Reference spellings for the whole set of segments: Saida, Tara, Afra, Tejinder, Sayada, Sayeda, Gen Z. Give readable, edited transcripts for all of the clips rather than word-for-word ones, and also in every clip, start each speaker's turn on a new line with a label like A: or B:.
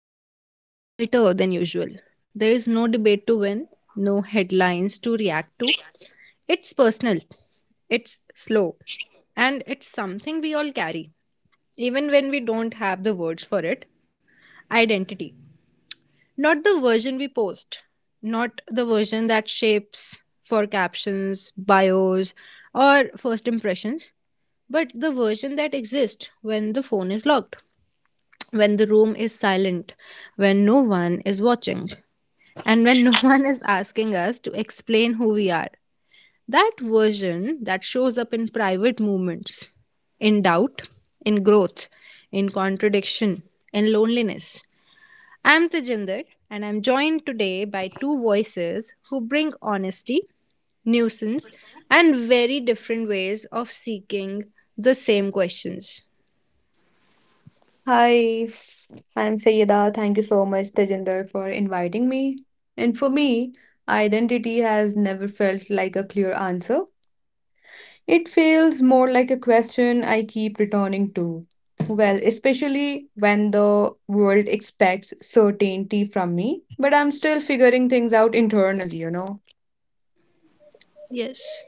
A: is quieter than usual. There is no debate to win, no headlines to react to. It's personal, it's slow, and it's something we all carry, even when we don't have the words for it. Identity. Not the version we post, not the version that shapes for captions, bios, or first impressions, but the version that exists when the phone is locked, when the room is silent, when no one is watching, and when no one is asking us to explain who we are. That version that shows up in private moments, in doubt, in growth, in contradiction, in loneliness. I'm Tejinder, and I'm joined today by two voices who bring honesty, nuisance, and very different ways of seeking the same questions.
B: Hi, I'm Sayeda. Thank you so much, Tejinder, for inviting me. And for me, identity has never felt like a clear answer. It feels more like a question I keep returning to. Well, especially when the world expects certainty from me, but I'm still figuring things out internally, you know.
A: Yes.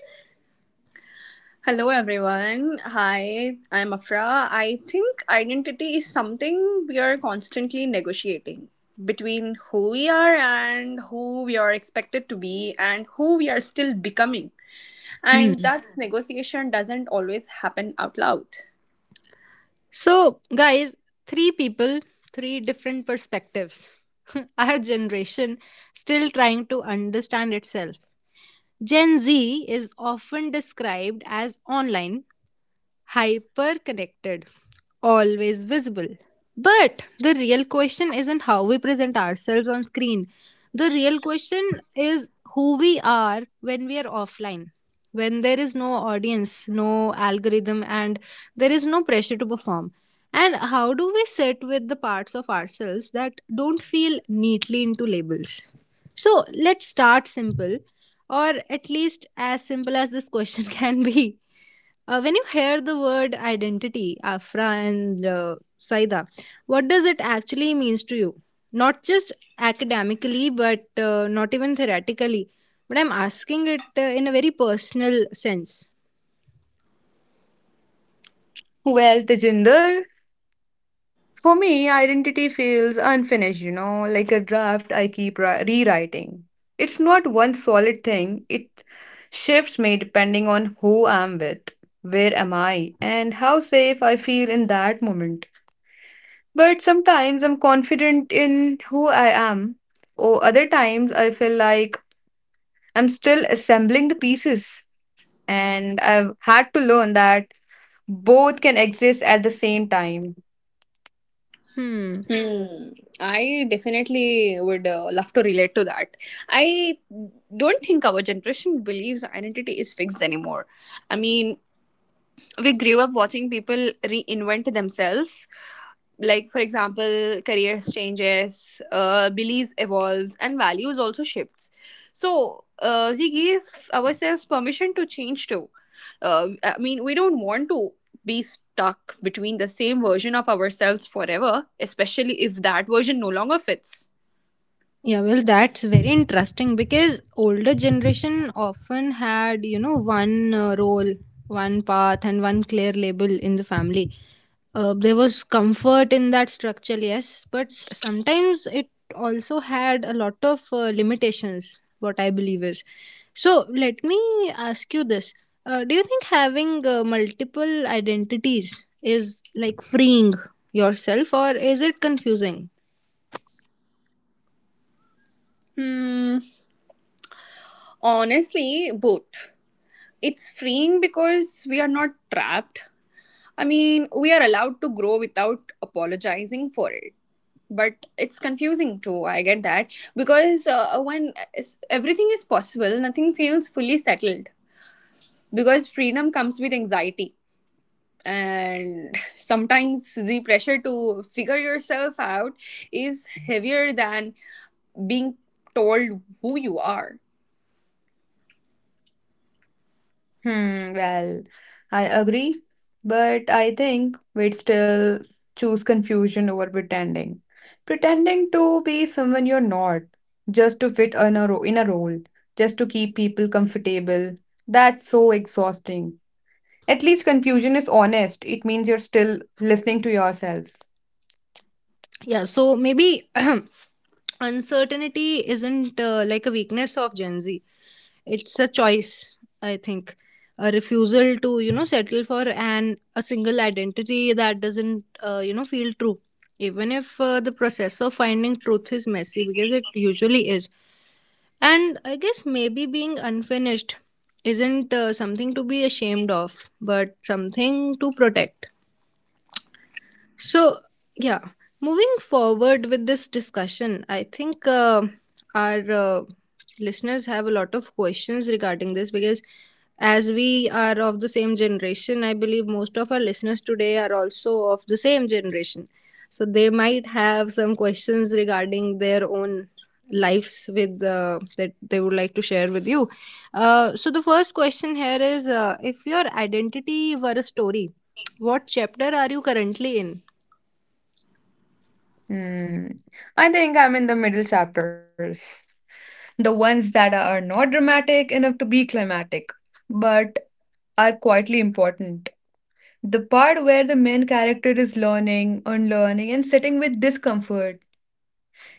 C: Hello, everyone. Hi, I'm Afra. I think identity is something we are constantly negotiating between who we are and who we are expected to be and who we are still becoming.
A: Hmm.
C: And that negotiation doesn't always happen out loud.
A: So, guys, three people, three different perspectives. Our generation still trying to understand itself. Gen Z is often described as online, hyper connected, always visible. But the real question isn't how we present ourselves on screen. The real question is who we are when we are offline, when there is no audience, no algorithm, and there is no pressure to perform. And how do we sit with the parts of ourselves that don't feel neatly into labels? So let's start simple, or at least as simple as this question can be. When you hear the word identity, Afra and Saida, what does it actually means to you? Not just academically, but not even theoretically. But I'm asking it in a very personal sense.
B: Well, Tejinder, for me, identity feels unfinished, you know, like a draft I keep rewriting. It's not one solid thing, it shifts me depending on who I'm with, where am I, and how safe I feel in that moment. But sometimes I'm confident in who I am, or other times I feel like I'm still assembling the pieces, and I've had to learn that both can exist at the same time.
A: Hmm.
C: Hmm. I definitely would love to relate to that. I don't think our generation believes identity is fixed anymore. I mean, we grew up watching people reinvent themselves, like for example careers changes, beliefs evolves and values also shifts. So we give ourselves permission to change too. I mean, we don't want to be stuck between the same version of ourselves forever, especially if that version no longer fits.
A: Yeah, well, that's very interesting because older generation often had, you know, one role, one path, and one clear label in the family. There was comfort in that structure, yes, but sometimes it also had a lot of limitations, what I believe is. So, let me ask you this. Do you think having multiple identities is like freeing yourself, or is it confusing?
C: hmm Honestly, both. It's freeing because we are not trapped. I mean, we are allowed to grow without apologizing for it. But it's confusing too, I get that. Because when everything is possible, nothing feels fully settled. Because freedom comes with anxiety. And sometimes the pressure to figure yourself out is heavier than being told who you are.
B: Well, I agree, but I think we'd still choose confusion over pretending. Pretending to be someone you're not, just to fit in a role, just to keep people comfortable. That's so exhausting. At least confusion is honest. It means you're still listening to yourself.
A: Yeah, so maybe uncertainty isn't like a weakness of Gen Z. It's a choice, I think. A refusal to, you know, settle for an a single identity that doesn't, you know, feel true, even if the process of finding truth is messy because it usually is. And I guess maybe being unfinished isn't something to be ashamed of, but something to protect. So, yeah, moving forward with this discussion, I think our listeners have a lot of questions regarding this, because as we are of the same generation, I believe most of our listeners today are also of the same generation. So, they might have some questions regarding their own lives with that they would like to share with you. So, the first question here is, if your identity were a story, what chapter are you currently in?
B: Hmm. I think I'm in the middle chapters. The ones that are not dramatic enough to be climatic, but are quietly important. The part where the main character is learning, unlearning, and sitting with discomfort.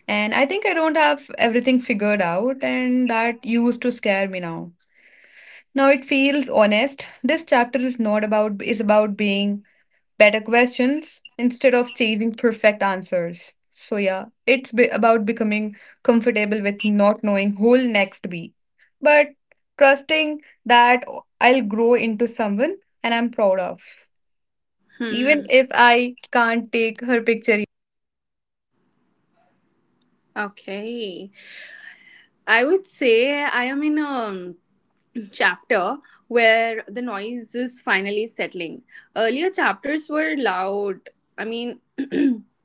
B: And I think I don't have everything figured out, and that used to scare me now. Now it feels honest. This chapter is not about is about being better questions instead of chasing perfect answers. So yeah, about becoming comfortable with not knowing who'll next be, but trusting that I'll grow into someone and I'm proud of. Even
C: Hmm.
B: if I can't take her picture,
C: Okay. I would say I am in a chapter where the noise is finally settling. Earlier chapters were loud. I mean, if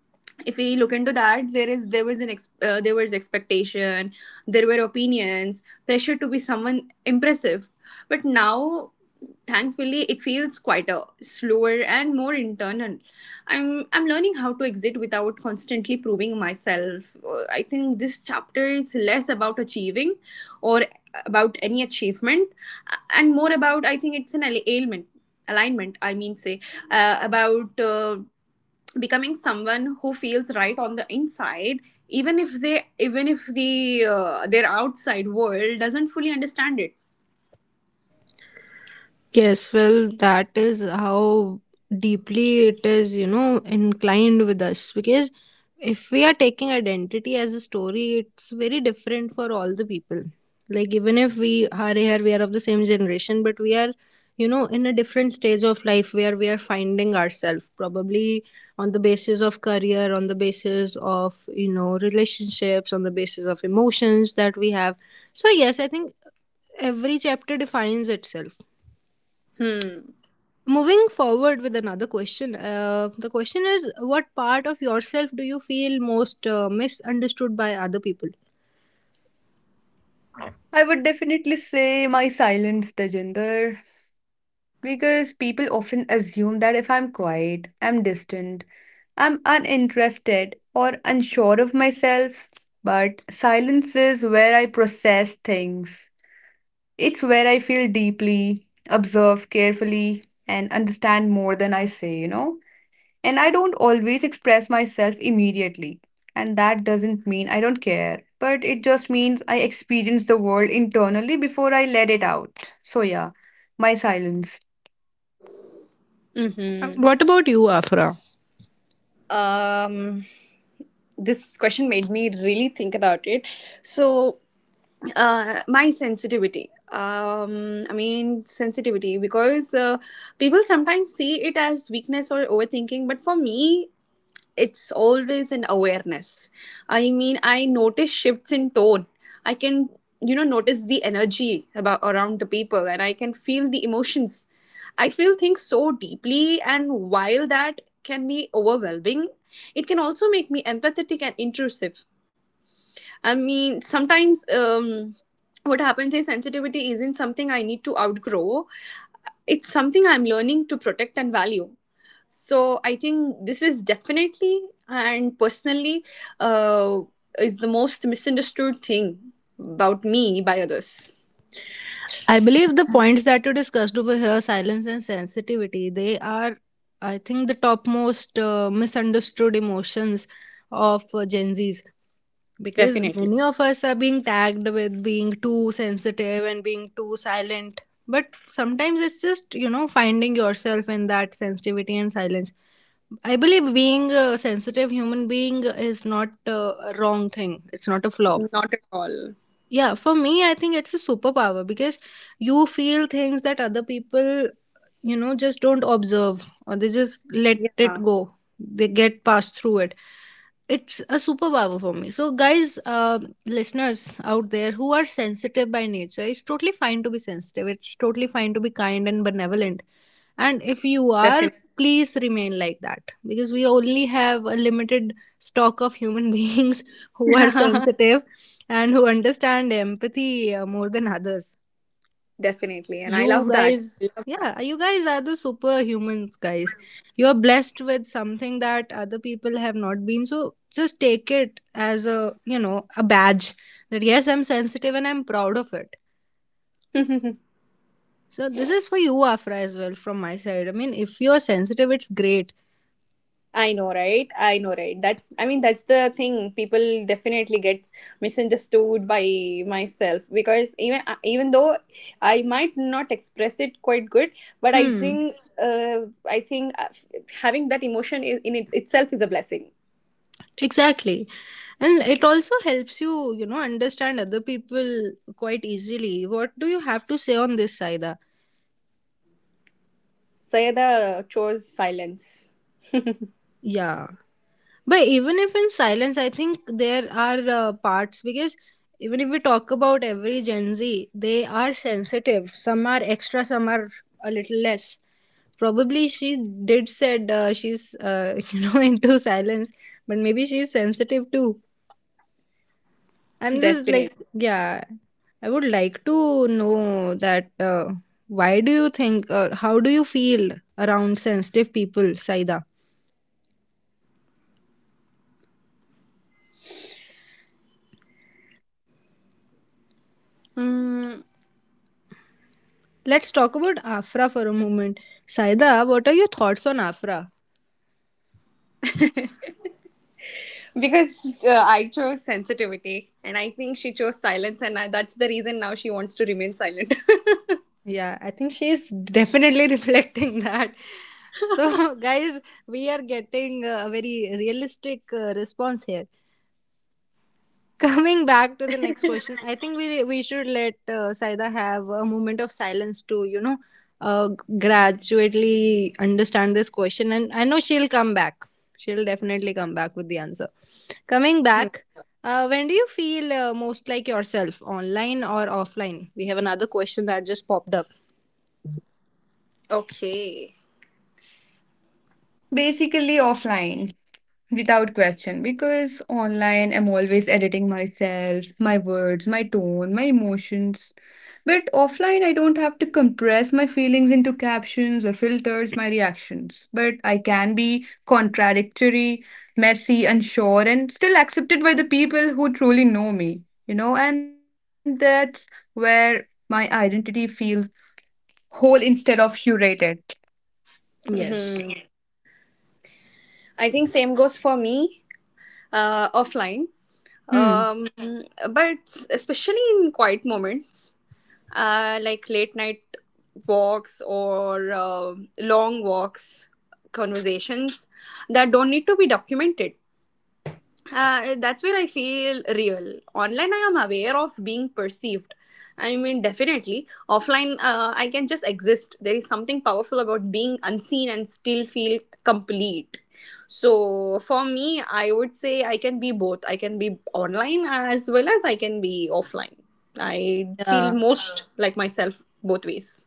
C: we look into that, there is there was an ex- there was expectation, there were opinions, pressure to be someone impressive. But now, thankfully, it feels quieter, slower and more internal. I'm learning how to exit without constantly proving myself. I think this chapter is less about achieving or about any achievement, and more about, I think, it's an al- ailment alignment I mean say about becoming someone who feels right on the inside, even if the their outside world doesn't fully understand it.
A: Yes, well, that is how deeply it is, you know, inclined with us. Because if we are taking identity as a story, it's very different for all the people. Like, even if we are here, we are of the same generation, but we are, you know, in a different stage of life where we are finding ourselves, probably on the basis of career, on the basis of, you know, relationships, on the basis of emotions that we have. So, yes, I think every chapter defines itself.
C: hmm
A: Moving forward with another question, the question is, what part of yourself do you feel most misunderstood by other people?
B: I would definitely say my silence, Tejinder, because people often assume that if I'm quiet, I'm distant, I'm uninterested, or unsure of myself. But silence is where I process things. It's where I feel deeply, observe carefully, and understand more than I say, you know? And I don't always express myself immediately. And that doesn't mean I don't care, but it just means I experience the world internally before I let it out. So, yeah, my silence.
A: Um,
C: mhm.
A: What about you, Afra?
C: um this question made me really think about it. So my sensitivity. I mean, sensitivity, because people sometimes see it as weakness or overthinking, but for me it's always an awareness. I mean, I notice shifts in tone. I can, you know, notice the energy about around the people, and I can feel the emotions. I feel things so deeply, and while that can be overwhelming, it can also make me empathetic and intrusive. I mean, sometimes what happens is sensitivity isn't something I need to outgrow. It's something I'm learning to protect and value. So I think this is definitely and personally, uh, is the most misunderstood thing about me by others.
A: I believe the points that you discussed over here, silence and sensitivity, they are, I think, the topmost misunderstood emotions of Gen Zs, because
C: Definitely.
A: many of us are being tagged with being too sensitive and being too silent. But sometimes it's just, you know, finding yourself in that sensitivity and silence. I believe being a sensitive human being is not a wrong thing, it's not a flaw.
C: Not at all.
A: Yeah, for me, I think it's a superpower, because you feel things that other people, you know, just don't observe, or they just let
C: Yeah,
A: it go. They get passed through it. It's a superpower for me. So, guys, listeners out there who are sensitive by nature, it's totally fine to be sensitive. It's totally fine to be kind and benevolent. And if you are,
C: definitely.
A: please remain like that, because we only have a limited stock of human beings who are sensitive and who understand empathy more than others.
C: Definitely. And I
A: You
C: love that. I
A: guys,
C: love
A: yeah, you guys are the superhumans, guys. You are blessed with something that other people have not been. So just take it as a, you know, a badge that yes, I'm sensitive and I'm proud of it.
C: that.
A: So this is for you, Afra, as well, from my side. I mean, if you're sensitive, it's great.
C: I know, right? I know, right? That's, I mean, that's the thing. People definitely gets misunderstood by myself, because even even though I might not express it quite good, but I
A: Hmm.
C: think uh, I think uh, having that emotion in it itself is a blessing.
A: Exactly. And it also helps you, you know, understand other people quite easily. What do you have to say on this, Saida?
C: Sayada chose silence,
A: Yeah. But even if in silence, I think there are parts, because even if we talk about every Gen Z, they are sensitive. Some are extra, some are a little less. Probably she did said, she's you know, into silence, but maybe she's sensitive too. I'm just like
C: definitely.
A: yeah. I would like to know that, why do you think, or how do you feel around sensitive people, Saida?
C: Mm,
A: Let's talk about Afra for a moment. Saida, what are your thoughts on Afra?
C: because I chose sensitivity, and I think she chose silence, and I, that's the reason now she wants to remain silent.
A: Yeah, I think she's definitely reflecting that. So, guys, we are getting a very realistic response here. Coming back to the next question, I think we should let Saida have a moment of silence to, you know, uh, gradually understand this question, and I know she'll come back. She'll definitely come back with the answer. Coming back, when do you feel most like yourself, online or offline? We have another question that just popped up.
C: Okay.
B: Basically, offline. Without question, because online I'm always editing myself, my words, my tone, my emotions. But offline, I don't have to compress my feelings into captions or filters my reactions. But I can be contradictory, messy, unsure, and still accepted by the people who truly know me, you know, and that's where my identity feels whole instead of curated.
A: Yes.
C: Mhm. I think same goes for me, offline.
A: Hmm.
C: Um, but especially in quiet moments, like late night walks or long walks, conversations that don't need to be documented, that's where I feel real. Online, I am aware of being perceived. I mean, definitely. Offline, I can just exist. There is something powerful about being unseen and still feel complete. So, for me, I would say I can be both. I can be online as well as I can be offline. I feel
A: Yeah.
C: most like myself both ways.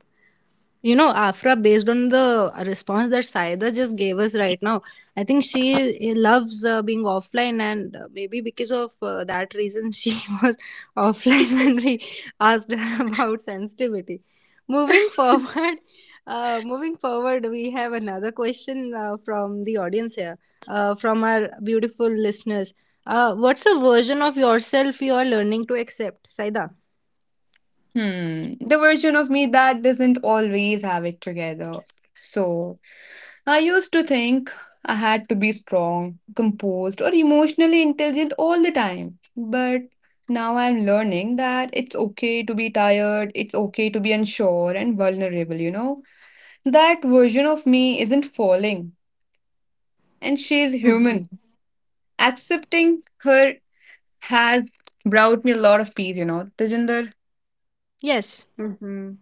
A: You know, Afra, based on the response that Saida just gave us right now, I think she loves being offline, and maybe because of that reason, she was offline when we asked her about sensitivity. Moving forward, we have another question from the audience here, from our beautiful listeners. What's a version of yourself you are learning to accept, Saida?
B: Hmm, the version of me that doesn't always have it together. So, I used to think I had to be strong, composed, or emotionally intelligent all the time. But now I'm learning that it's okay to be tired, it's okay to be unsure and vulnerable, you know? That version of me isn't falling, and she's
C: Mhm,
B: human. Accepting her has brought me a lot of peace, you know, Tejinder.
A: Yes.
C: mhm.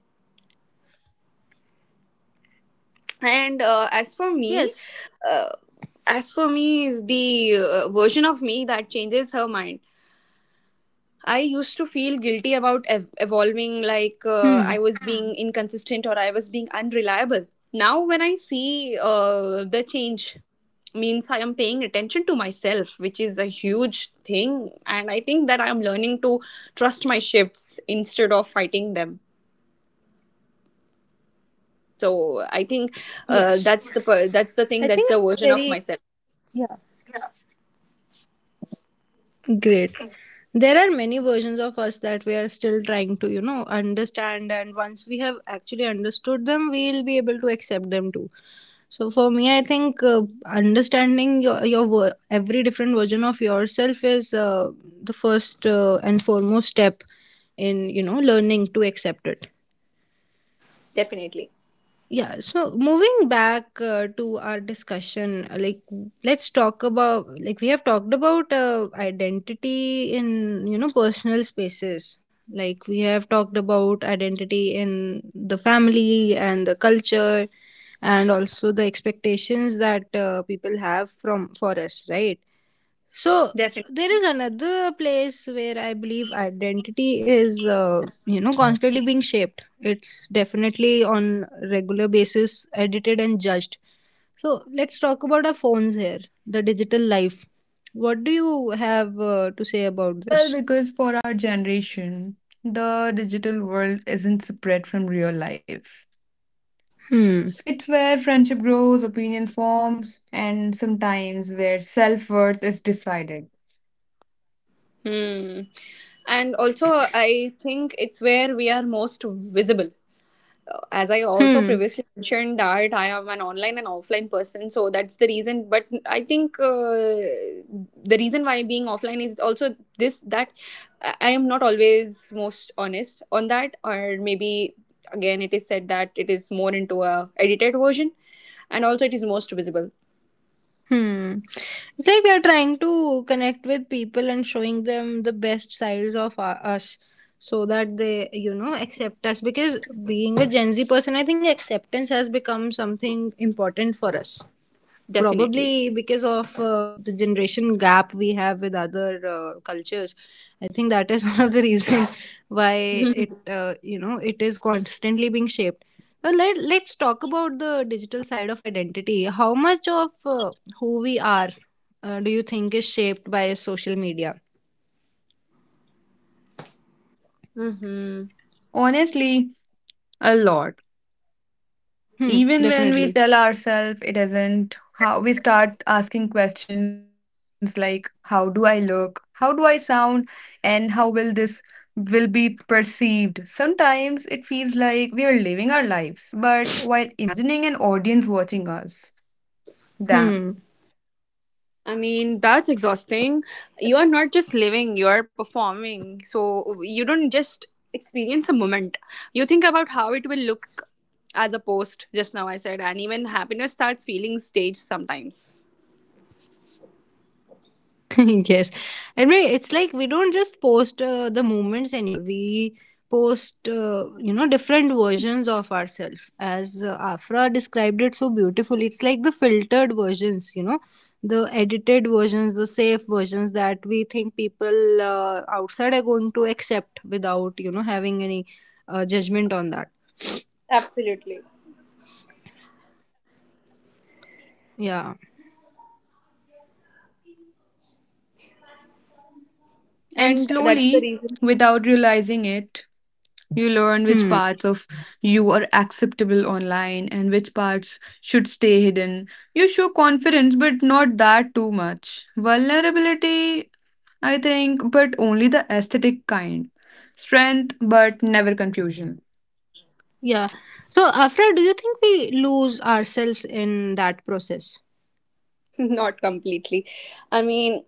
C: And as for me,
A: Yes.
C: uh, As for me, the version of me that changes her mind. I used to feel guilty about evolving, like
A: Hmm.
C: I was being inconsistent or I was being unreliable. Now, when I see the change, means I am paying attention to myself, which is a huge thing. And I think that I am learning to trust my shifts instead of fighting them. So I think
A: Yes.
C: that's the per- that's the
A: I
C: thing that's
A: think
C: the
A: it's
C: version of
A: very,
C: myself.
A: yeah, great. There are many versions of us that we are still trying to, you know, understand, and once we have actually understood them, we'll be able to accept them too. So for me, I think understanding every different version of yourself is the first and foremost step in, you know, learning to accept it.
C: Definitely,
A: Yeah, so moving back to our discussion, like let's talk about, like we have talked about identity in, you know, personal spaces. Like we have talked about identity in the family and the culture, and also the expectations that people have from for us, right? So
C: definitely.
A: there is another place where I believe identity is, you know, constantly being shaped. It's definitely on regular basis edited and judged. So let's talk about our phones here, the digital life. What do you have to
B: Hmm.
A: say about
B: Well,
A: this?
B: because for our generation, the digital world isn't separate from real life.
A: Hmm.
B: It's where friendship grows, opinions forms, and sometimes where self-worth is decided.
C: Hmm. And also, I think it's where we are most visible. As I also
A: Hmm.
C: previously mentioned, that I am an online and offline person, so that's the reason. But I think the reason why being offline is also this, that I am not always most honest on that, or maybe again it is said that it is more into a edited version, and also it is most visible.
A: Hmm. It's like we are trying to connect with people and showing them the best sides of us, so that they, you know, accept us. Because being a Gen Z person, I think acceptance has become something important for us,
C: Definitely.
A: probably because of the generation gap we have with other cultures. I think that is one of the reason why it, you know, it is constantly being shaped. Now, let's talk about the digital side of identity. How much of who we are do you think is shaped by social media?
C: Mm-hmm.
B: Honestly, a lot.
A: Hmm.
B: Even when we
A: Definitely.
B: tell ourselves it isn't, how we start asking questions like how do I look, how do I sound, and how will this will be perceived. Sometimes it feels like we are living our lives, but while imagining an audience watching us. Damn.
A: Hmm.
C: I mean, that's exhausting. You are not just living, you are performing. So you don't just experience a moment. You think about how it will look as a post, just now I said, and even happiness starts feeling staged sometimes.
A: Yes. And it's like we don't just post the moments anymore. We post, you know, different versions of ourselves, as Afra described it so beautifully. It's like the filtered versions, you know, the edited versions, the safe versions that we think people outside are going to accept without, you know, having any judgment on that.
C: Absolutely.
A: Yeah.
B: And
C: And that's the
B: slowly,
C: reason.
B: without realizing it, you learn which
A: Hmm.
B: parts of you are acceptable online and which parts should stay hidden. You show confidence, but not that too much. Vulnerability, I think, but only the aesthetic kind. Strength, but never confusion.
A: Yeah, so Afra, do you think we lose ourselves in that process?
C: Not completely. I mean,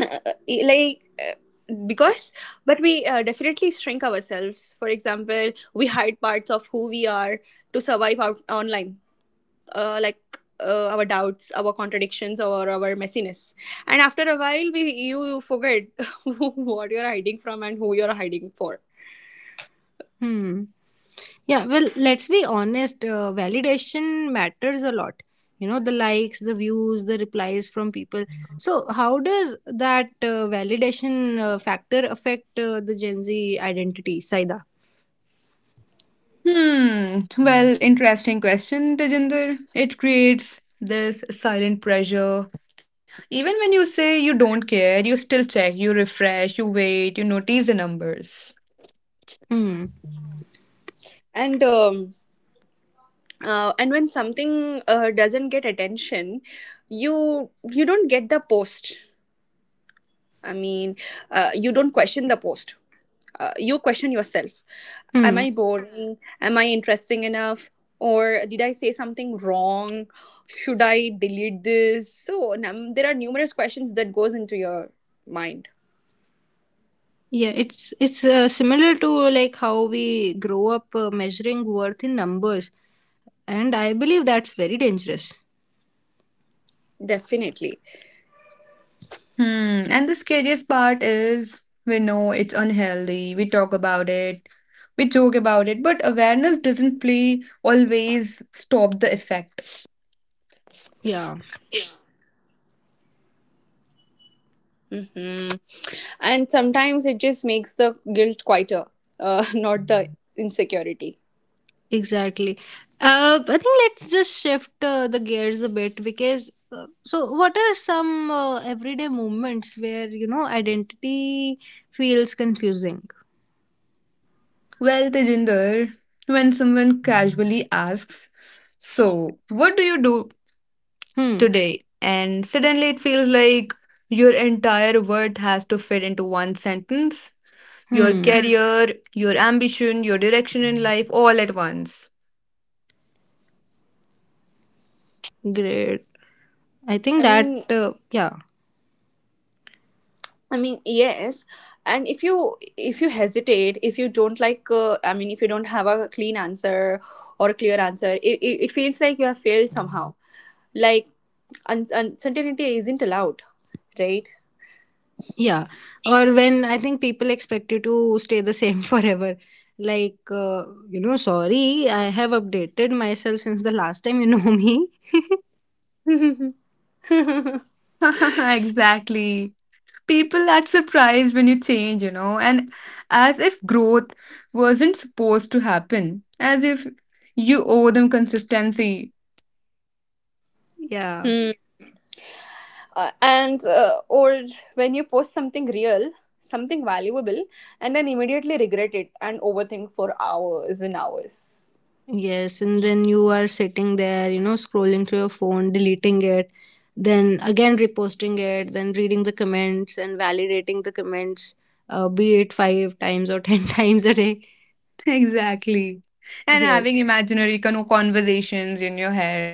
C: uh, uh, like, uh, because, but we definitely shrink ourselves. For example, we hide parts of who we are to survive out online, like our doubts, our contradictions, or our messiness. And after a while, we you forget what you're hiding from and who you're hiding for.
A: Hmm. Yeah, well, let's be honest. Validation matters a lot. You know, the likes, the views, the replies from people. So, how does that validation factor affect the Gen Z identity, Saida?
B: Hmm. Well, interesting question, Tejinder. It creates this silent pressure. Even when you say you don't care, you still check, you refresh, you wait, you notice the numbers.
A: Hmm.
C: And um, and when something doesn't get attention, you don't get the post. I mean, you don't question the post. You question yourself. Am
A: Hmm.
C: I boring? Am I interesting enough? Or did I say something wrong? Should I delete this? So there are numerous questions that goes into your mind.
A: Yeah, it's similar to, like, how we grow up measuring worth in numbers, and I believe that's very dangerous.
C: Definitely.
B: Hmm. And the scariest part is we know it's unhealthy. We talk about it. We joke about it. But awareness doesn't play always stop the effect.
A: Yeah.
C: hmm And sometimes it just makes the guilt quieter, not the insecurity.
A: Exactly. I think let's just shift the gears a bit because. So what are some everyday moments where identity feels confusing?
B: Well, Tejinder, when someone casually asks, so, what do you do
A: Hmm.
B: today? And suddenly it feels like your entire world has to fit into one sentence. Your
A: Hmm.
B: career, your ambition, your direction in life, all at once.
A: Great. I
C: I
A: think that.
C: mean,
A: Uh, Yeah.
C: I mean, yes. And if you hesitate, if you don't like, I mean, if you don't have a clean answer or a clear answer, it feels like you have failed somehow. Like uncertainty isn't allowed, right?
A: Yeah. Or when I think people expect you to stay the same forever. Like you know, sorry, I have updated myself since the last time me.
B: Exactly. People act surprised when you change, you know, and as if growth wasn't supposed to happen, as if you owe them consistency.
A: Yeah.
C: Hmm. And Or when you post something real, something valuable, and then immediately regret it and overthink for hours and hours.
A: Yes, and then you are sitting there, you know, scrolling through your phone, deleting it, then again reposting it, then reading the comments and validating the comments, be it five times or ten times a day.
B: Exactly. And having
A: Yes.
B: imaginary conversations in your head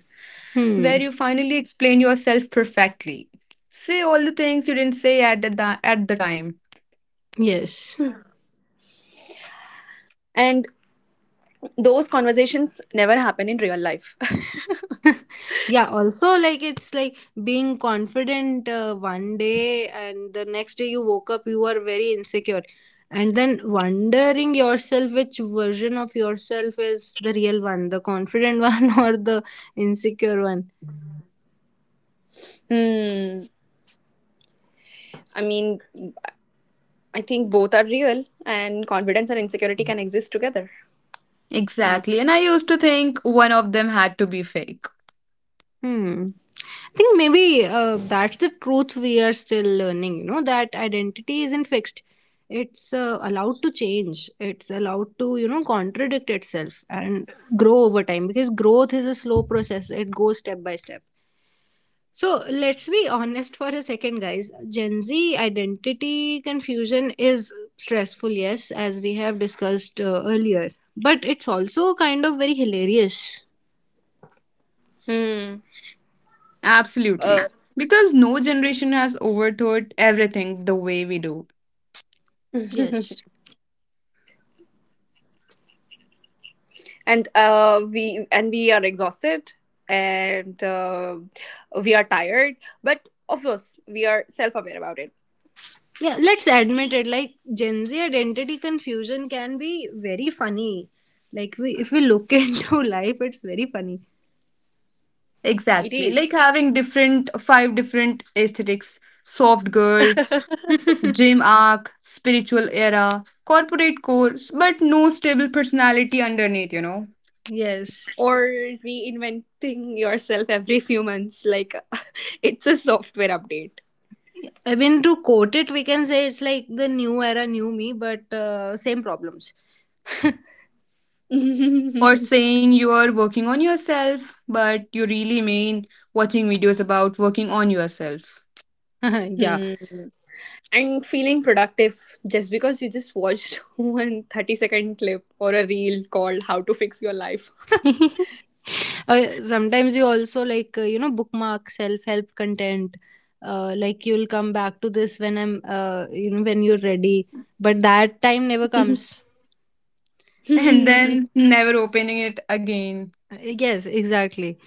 B: where you finally
A: Hmm.
B: explain yourself perfectly. Say all the things you didn't say at the time.
A: Yes.
C: And those conversations never happen in real life.
A: Yeah, also like it's like being confident one day, and the next day you woke up you were very insecure, and then wondering yourself which version of yourself is the real one, the confident one or the insecure one.
C: Hmm. I mean, I think both are real, and confidence and insecurity can exist together.
A: Hmm.
B: Exactly. And I used to think one of them had to be fake.
A: Hmm. I think maybe that's the truth we are still learning, you know, that identity isn't fixed. It's allowed to change. It's allowed to, you know, contradict itself and grow over time, because growth is a slow process. It goes step by step. So let's be honest for a second, guys. Gen Z identity confusion is stressful, yes, as we have discussed earlier, but it's also kind of very hilarious.
C: Hmm. Uh,
B: Absolutely. Because no generation has overthought everything the way we do.
A: Yes.
C: and We, and we are exhausted, and we are tired. But of course, we are self-aware about it.
A: Yeah, let's admit it. Like Gen Z identity confusion can be very funny. Like we, if we look into life, it's very funny.
C: It
B: Exactly.
C: is.
B: Like having different five different aesthetics, soft girl, dream arc, spiritual era, corporate course, but no stable personality underneath, you know.
A: Yes.
C: Or reinventing yourself every few months, like it's a software update.
A: I mean, to quote it, we can say it's like the new era, new me, but same problems.
B: Or saying you are working on yourself, but you really mean watching videos about working on yourself
A: Yeah.
C: Hmm. And feeling productive just because you just watched one 30-second clip or a reel called How to Fix Your Life.
A: uh, sometimes you also like, you know, bookmark self help content. Like you'll come back to this when I'm, you know, when you're ready. But that time never
C: Mhm.
A: comes.
B: and then never opening it again.
A: Yes, exactly.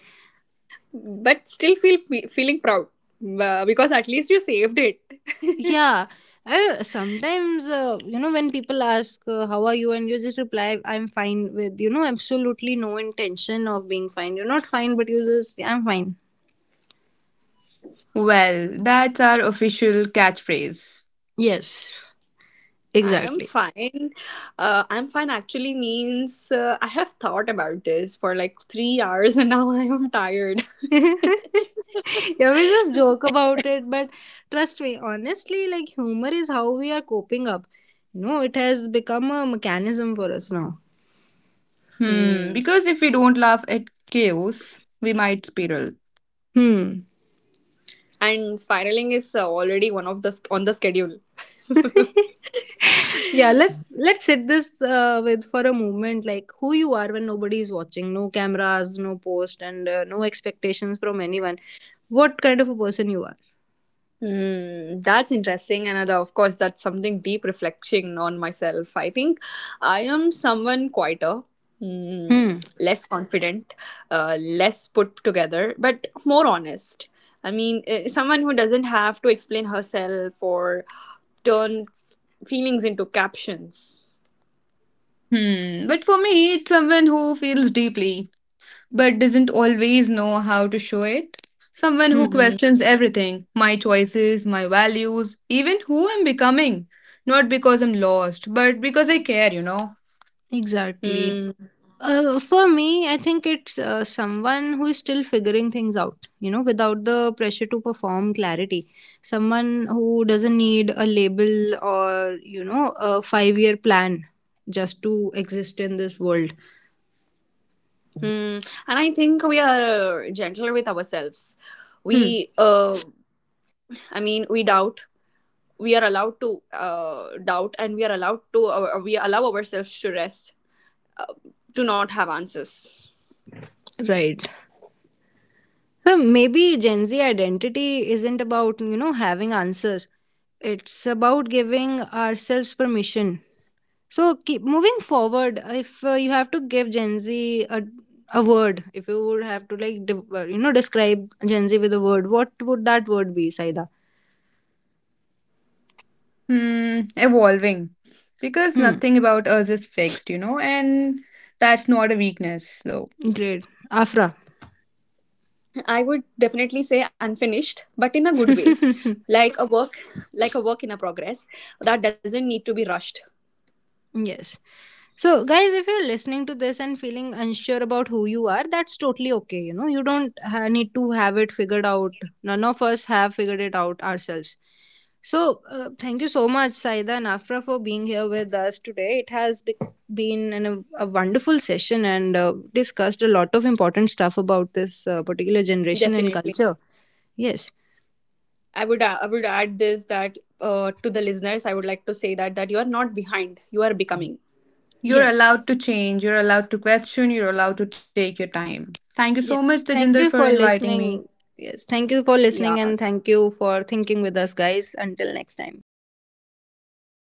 C: But still feeling proud because at least you saved it.
A: Yeah. I sometimes, you know, when people ask, how are you? And you just reply, I'm fine, with, you know, absolutely no intention of being fine. You're not fine, but you just, I'm fine.
B: Well, that's our official catchphrase.
A: Yes,
C: I am
A: exactly.
C: fine. I'm fine actually means I have thought about this for like 3 hours and now I am tired.
A: Yeah, we just joke about it, but trust me, honestly, like humor is how we are coping up. You know, it has become a mechanism for us now.
B: Hmm,
C: Hmm.
B: because if we don't laugh at chaos, we might spiral.
A: Hmm.
C: And spiraling is already one of the on the schedule.
A: Yeah, let's sit this with for a moment, like who you are when nobody is watching, no cameras, no post, and no expectations from anyone, what kind of a person you are.
C: Hmm, that's interesting, and of course, that's something deep reflection on myself. I think I am someone quieter,
A: Hmm.
C: less confident, less put together, but more honest. I mean, someone who doesn't have to explain herself or turn feelings into captions.
B: Hmm. But for me, it's someone who feels deeply but doesn't always know how to show it. Someone who
A: Hmm.
C: Mm-hmm.
B: questions everything, my choices, my values, even who I'm becoming. Not because I'm lost, but because I care, you know.
A: Exactly.
C: Mm,
A: For me, I think it's someone who is still figuring things out, you know, without the pressure to perform clarity, someone who doesn't need a label or, you know, a 5-year year plan just to exist in this world.
C: mm. And I think we are gentle with ourselves.
A: Hmm.
C: We, uh, we doubt, we are allowed to doubt, and we are allowed to we allow ourselves to rest, to not have answers.
A: Right. So maybe Gen Z identity isn't about, you know, having answers. It's about giving ourselves permission. So keep moving forward. If you have to give Gen Z a word, if you would have to like, you know, describe Gen Z with a word, what would that word be, Saida?
B: Hmm. Evolving. Because
A: Hmm.
B: nothing about us is fixed, you know, and that's not a weakness, though.
A: Great. Afra.
C: I would definitely say unfinished, but in a good way, like a work, like a work in a progress that doesn't need to be rushed.
A: Yes. So, guys, if you're listening to this and feeling unsure about who you are, that's totally okay. You know, you don't need to have it figured out. None of us have figured it out ourselves. So, thank you so much, Saida and Afra, for being here with us today. It has been an, a wonderful session and discussed a lot of important stuff about this particular generation and
C: Definitely.
A: culture. Yes.
C: I would add this, that to the listeners, I would like to say that you are not behind, you are becoming.
B: You're
A: Yes.
B: allowed to change, you're allowed to question, you're allowed to take your time. Thank you so
A: Yes.
B: much, Tejinder,
A: Thank
B: for
A: you for
B: inviting me.
A: listening. Yes. Thank you for
C: Yeah,
A: listening, and thank you for thinking with us, guys. Until next time.
C: be patient